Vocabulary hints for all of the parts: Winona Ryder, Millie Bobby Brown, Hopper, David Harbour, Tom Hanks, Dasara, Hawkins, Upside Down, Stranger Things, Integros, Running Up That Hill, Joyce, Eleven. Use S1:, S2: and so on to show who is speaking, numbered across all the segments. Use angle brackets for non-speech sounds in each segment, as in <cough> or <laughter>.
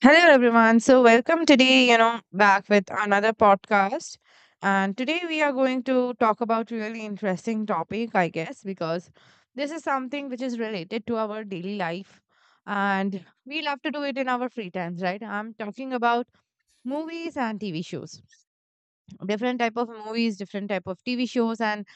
S1: Hello, everyone. Welcome today back with another podcast. And today we are going to talk about really interesting topic, I guess, because this is something which is related to our daily life. And we love to do it in our free times, right? I'm talking about movies and TV shows. Different type of movies, different type of TV shows, and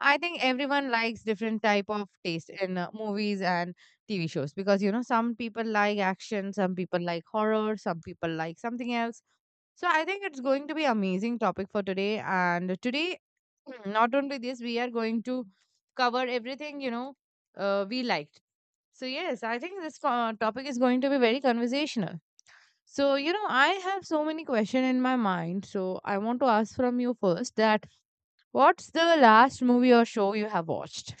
S1: I think everyone likes different type of taste in movies and TV shows because you know some people like action, some people like horror, some people like something else. So I think it's going to be amazing topic for today and today <clears throat> not only this we are going to cover everything we liked. So yes, I think this topic is going to be very conversational. So you know I have so many questions in my mind, so I want to ask from you first that, what's the last movie or show you have watched?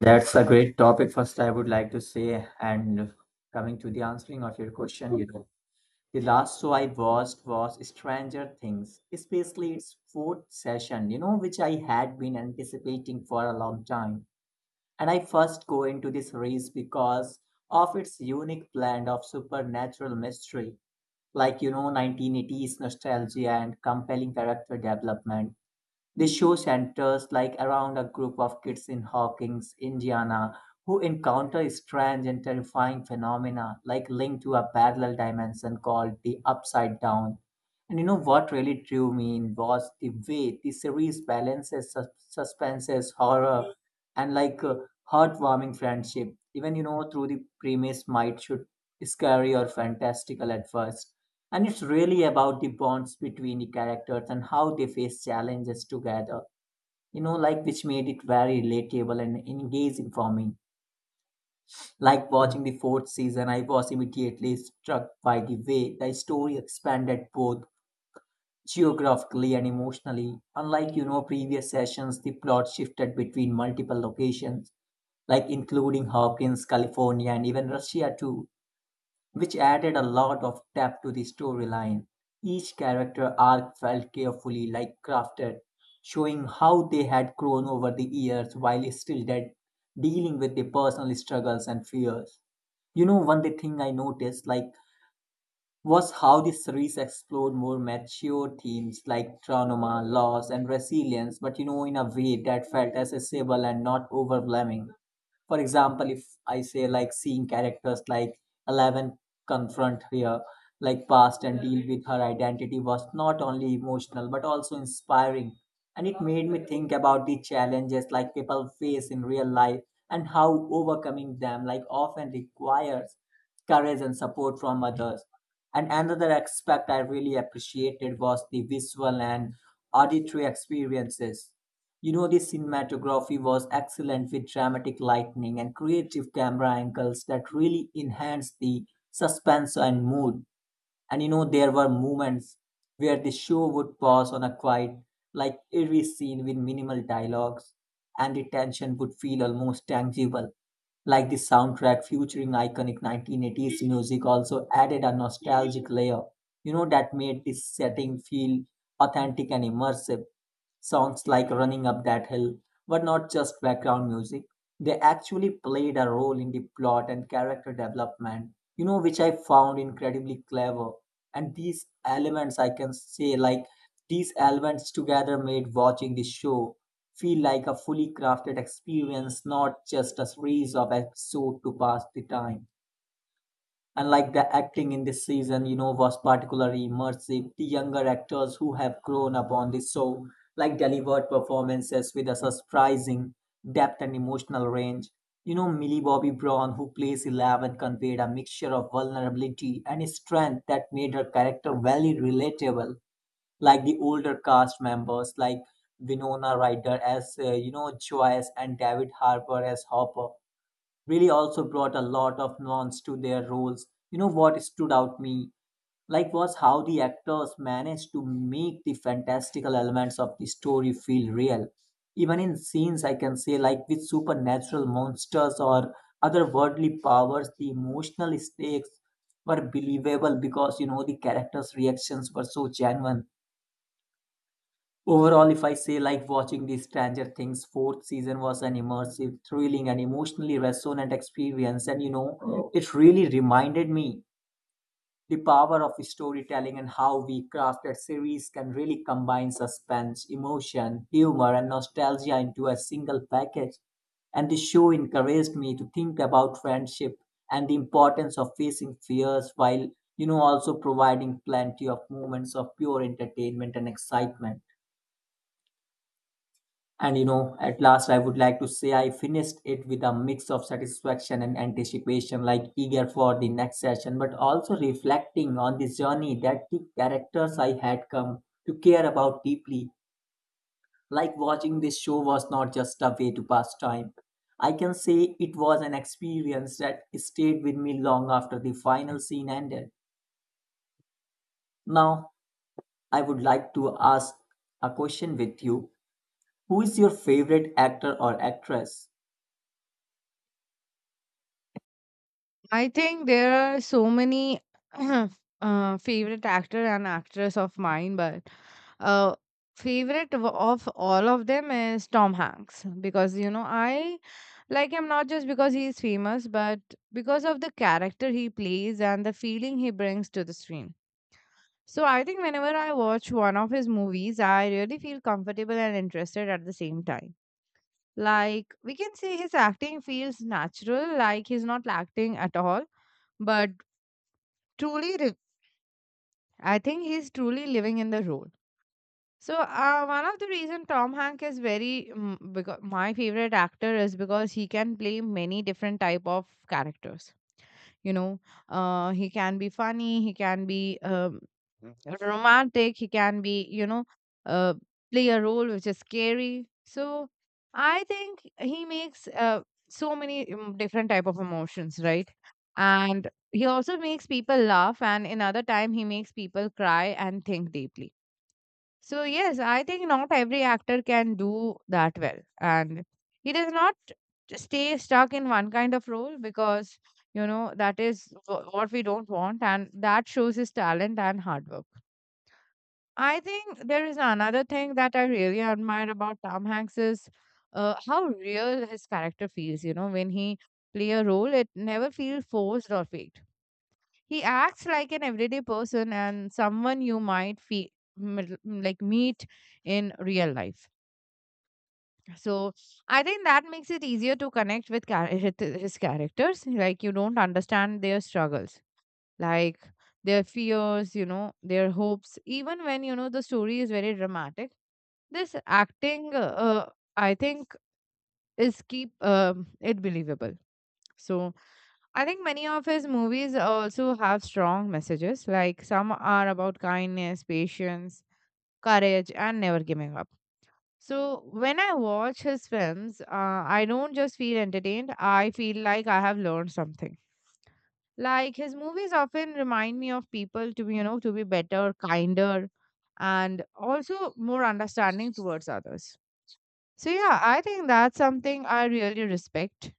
S2: That's a great topic. First, I would like to say, and coming to the answering of your question, you know, the last show I watched was Stranger Things, especially its fourth session, you know, which I had been anticipating for a long time. And I first go into this series because of its unique blend of supernatural mystery, like, you know, 1980s nostalgia and compelling character development. The show centers like around a group of kids in Hawkins, Indiana, who encounter strange and terrifying phenomena like linked to a parallel dimension called the Upside Down. And you know what really drew me in was the way the series balances suspenses, horror, and like heartwarming friendship. Even you know through the premise might should scary or fantastical at first and it's really about the bonds between the characters and how they face challenges together. You know, like which made it very relatable and engaging for me. Like watching the fourth season, I was immediately struck by the way the story expanded both geographically and emotionally. Unlike, you know, previous sessions, the plot shifted between multiple locations like including Hopkins, California, and even Russia too, which added a lot of depth to the storyline. Each character arc felt carefully like crafted, showing how they had grown over the years while still dead, dealing with their personal struggles and fears. You know, one the thing I noticed like was how the series explored more mature themes like trauma, loss, and resilience, but you know, in a way that felt accessible and not overwhelming. For example, if I say like seeing characters like Eleven confront her like past and deal with her identity was not only emotional but also inspiring. And it made me think about the challenges like people face in real life and how overcoming them like often requires courage and support from others. And another aspect I really appreciated was the visual and auditory experiences, you know, the cinematography was excellent with dramatic lighting and creative camera angles that really enhanced the suspense and mood. And you know, there were moments where the show would pause on a quiet, like eerie scene with minimal dialogues, and the tension would feel almost tangible. Like the soundtrack featuring iconic 1980s music also added a nostalgic layer, you know, that made this setting feel authentic and immersive. Songs like Running Up That Hill were not just background music, they actually played a role in the plot and character development, you know, which I found incredibly clever and these elements I can say like these elements together made watching the show feel like a fully crafted experience, not just a series of episodes to pass the time. And like the acting in this season, you know, was particularly immersive. The younger actors who have grown up on the show like delivered performances with a surprising depth and emotional range. You know, Millie Bobby Brown, who plays Eleven, conveyed a mixture of vulnerability and strength that made her character very relatable. Like the older cast members like Winona Ryder as you know Joyce and David Harbour as Hopper really also brought a lot of nuance to their roles. You know what stood out me like was how the actors managed to make the fantastical elements of the story feel real. Even in scenes I can say like with supernatural monsters or otherworldly powers, the emotional stakes were believable because you know the characters' reactions were so genuine. Overall, if I say like watching the Stranger Things fourth season was an immersive, thrilling, and emotionally resonant experience, and you know, it really reminded me the power of storytelling and how we crafted series can really combine suspense, emotion, humor, and nostalgia into a single package. And the show encouraged me to think about friendship and the importance of facing fears while, you know, also providing plenty of moments of pure entertainment and excitement. And you know, at last, I would like to say I finished it with a mix of satisfaction and anticipation, like eager for the next session, but also reflecting on the journey that the characters I had come to care about deeply. Like watching this show was not just a way to pass time. I can say it was an experience that stayed with me long after the final scene ended. Now, I would like to ask a question with you. Who is your favorite actor or actress?
S1: I think there are so many <clears throat> favorite actor and actress of mine, but uh, favorite of all of them is Tom Hanks because you know I like him not just because he is famous, but because of the character he plays and the feeling he brings to the screen. So I think whenever I watch one of his movies, I really feel comfortable and interested at the same time. Like, we can say his acting feels natural, like he's not acting at all, but truly, re- I think he's truly living in the role. So, one of the reason Tom Hanks is very, because my favorite actor is because he can play many different type of characters. You know, he can be funny, he can be romantic, he can be uh, play a role which is scary. So I think he makes so many different type of emotions, right? And he also makes people laugh, and another time he makes people cry and think deeply. So yes, I think not every actor can do that well, and he does not stay stuck in one kind of role because you know that is what we don't want, and that shows his talent and hard work. I think there is another thing that I really admire about Tom Hanks is how real his character feels. You know, when he play a role, it never feels forced or fake. He acts like an everyday person and someone you might feel like meet in real life. So I think that makes it easier to connect with his characters. Like, you don't understand their struggles, like their fears, you know, their hopes. Even when you know the story is very dramatic, this acting, uh, I think, is keep it believable. So I think many of his movies also have strong messages, like some are about kindness, patience, courage, and never giving up. So, when I watch his films, I don't just feel entertained, I feel like I have learned something. Like, his movies often remind me of people to be, you know, to be better, kinder, and also more understanding towards others. So, yeah, I think that's something I really respect,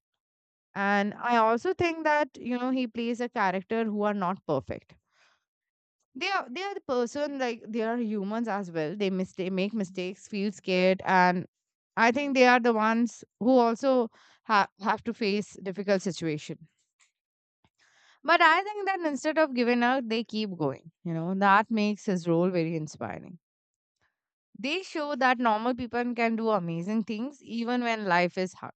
S1: and I also think that, you know, he plays a character who are not perfect. They are the person, like they are humans as well. They mistake make mistakes, feel scared, and I think they are the ones who also have to face difficult situation. But I think that instead of giving up, they keep going. You know, that makes his role very inspiring. They show that normal people can do amazing things even when life is hard.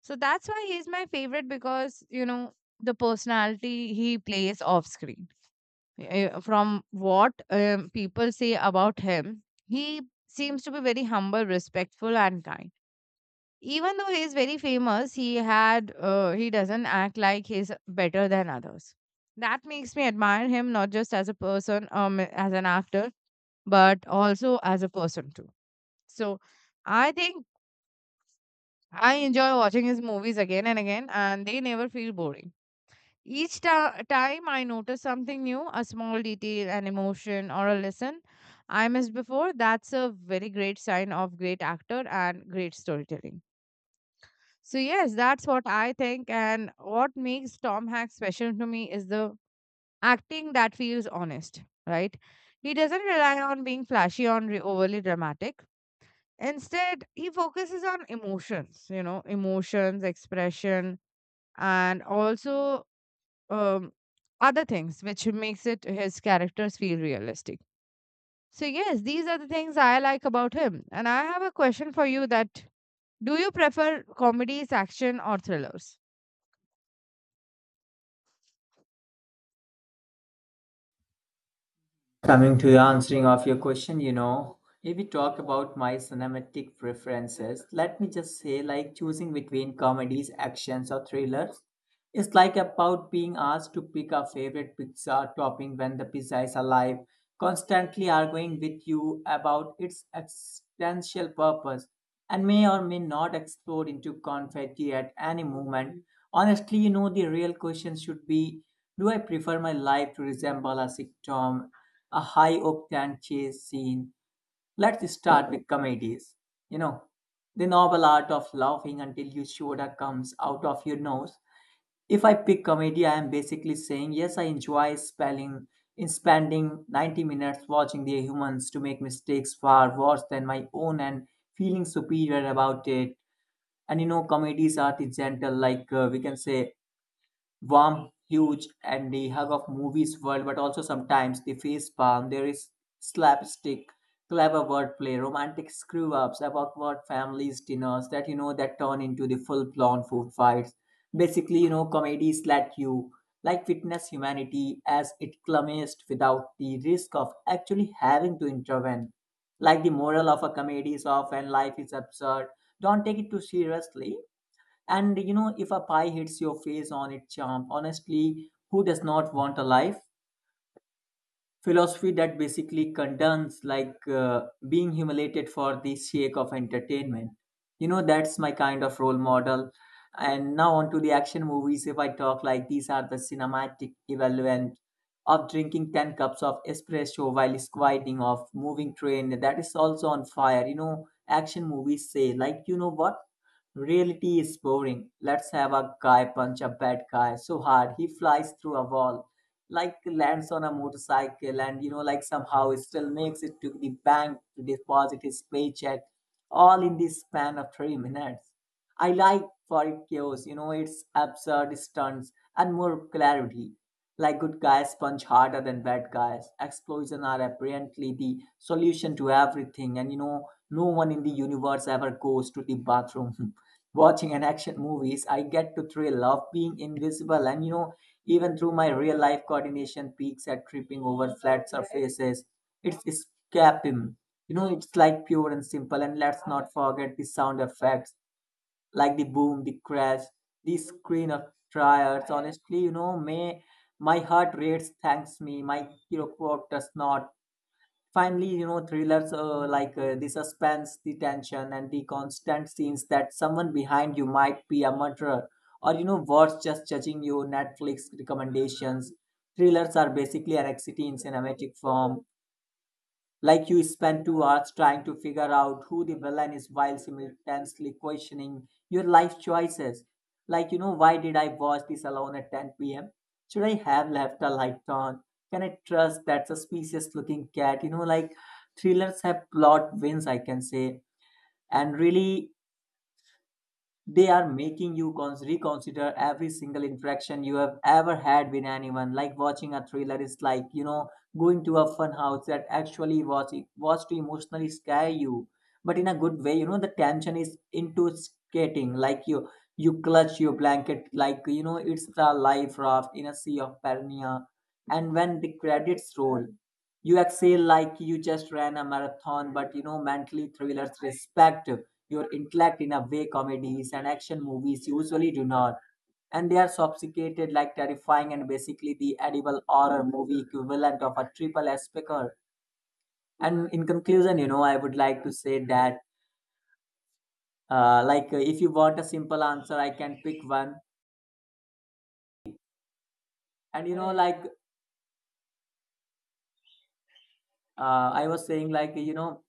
S1: So that's why he's my favorite, because, you know, the personality he plays off screen. From what people say about him, he seems to be very humble, respectful, and kind. Even though he is very famous, he doesn't act like he's better than others. That makes me admire him not just as a person, as an actor, but also as a person too. So I think I enjoy watching his movies again and again, and they never feel boring. Each time I notice something new, a small detail, an emotion, or a lesson I missed before. That's a very great sign of great actor and great storytelling. So, yes, that's what I think. And what makes Tom Hanks special to me is the acting that feels honest, right? He doesn't rely on being flashy or overly dramatic. Instead, he focuses on emotions, you know, emotions, expression, and also um, other things which makes it his characters feel realistic. So yes, these are the things I like about him, and I have a question for you, that do you prefer comedies, action, or thrillers?
S2: Coming to the answering of your question, you know, if we talk about my cinematic preferences, let me just say like choosing between comedies, actions, or thrillers. It's like about being asked to pick a favorite pizza topping when the pizza is alive, constantly arguing with you about its existential purpose, and may or may not explode into confetti at any moment. Honestly, you know, the real question should be, do I prefer my life to resemble a sitcom, a high octane chase scene? Let's start with comedies. You know, the noble art of laughing until your shoulder comes out of your nose. If I pick comedy, I am basically saying yes, I enjoy spelling in spending 90 minutes watching the humans to make mistakes far worse than my own and feeling superior about it. And you know, comedies are the gentle, like we can say warm, huge, and the hug of movies world, but also sometimes the face palm. There is slapstick, clever wordplay, romantic screw ups about what families dinners that you know that turn into the full blown food fights. Basically, you know, comedies let you like witness humanity as it clumsiest without the risk of actually having to intervene. Like the moral of a comedy is often life is absurd. Don't take it too seriously and you know, if a pie hits your face on its charm, honestly, who does not want a life philosophy that basically condones like being humiliated for the sake of entertainment. You know, that's my kind of role model. And now on to the action movies, if I talk like these are the cinematic equivalent of drinking 10 cups of espresso while squatting off moving train that is also on fire. You know, action movies say like, you know what, reality is boring, let's have a guy punch a bad guy so hard he flies through a wall, like lands on a motorcycle, and you know like somehow it still makes it to the bank to deposit his paycheck all in the span of 3 minutes. I like for it chaos, you know it's absurd stunts and more clarity, like good guys punch harder than bad guys, explosions are apparently the solution to everything, and you know, no one in the universe ever goes to the bathroom. <laughs> Watching an action movies I get to thrill of being invisible, and you know, even through my real life coordination peaks at tripping over flat surfaces, it's escapism. You know, it's like pure and simple. And let's not forget the sound effects, like the boom, the crash, the screen of tires. Honestly, you know, may my heart rates thanks me, my hero quote does not. Finally, you know, thrillers, like the suspense, the tension, and the constant scenes that someone behind you might be a murderer, or you know, worse, just judging you. Netflix recommendations. Thrillers are basically an anxiety in cinematic form. Like you spend 2 hours trying to figure out who the villain is while simultaneously questioning your life choices. Like, you know, why did I watch this alone at 10 p.m.? Should I have left the light on? Can I trust that suspicious looking cat? You know, like thrillers have plot wins, I can say. And really, they are making you reconsider every single interaction you have ever had with anyone. Like watching a thriller is like, you know, going to a fun house that actually was to emotionally scare you but in a good way. You know, the tension is into skating, like you clutch your blanket like you know it's a life raft in a sea of paranoia. And when the credits roll you exhale like you just ran a marathon, but you know, mentally thrillers respect your intellect in a way comedies and action movies usually do not, and they are sophisticated like terrifying, and basically the edible horror movie equivalent of a triple S picker. And in conclusion, you know, I would like to say that, if you want a simple answer, I can pick one. And you know, like, I was saying, like, you know,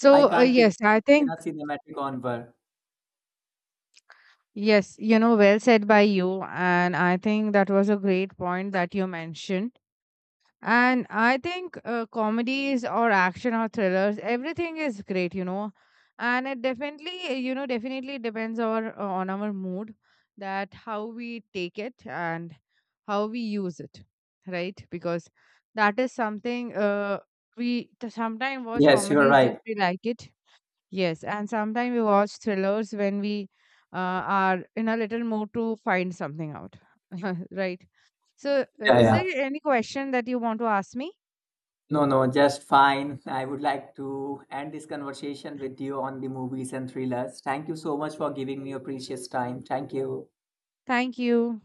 S1: So,
S2: I can't pick
S1: yes, I
S2: one in a
S1: think,
S2: cinematic onward.
S1: yes, you know, well said by you, and I think that was a great point that you mentioned. And I think comedies or action or thrillers, everything is great, you know. And it definitely, you know, definitely depends on our mood, that how we take it and how we use it, right? Because that is something, we sometimes watch
S2: Yes, you're
S1: comedies just
S2: right.
S1: we like it. Yes, and sometimes we watch thrillers when we are in a little mood to find something out, <laughs> right? So,
S2: Yeah,
S1: is
S2: yeah.
S1: there any question that you want to ask me?
S2: No, no, just fine. I would like to end this conversation with you on the movies and thrillers. Thank you so much for giving me your precious time. Thank you.
S1: Thank you.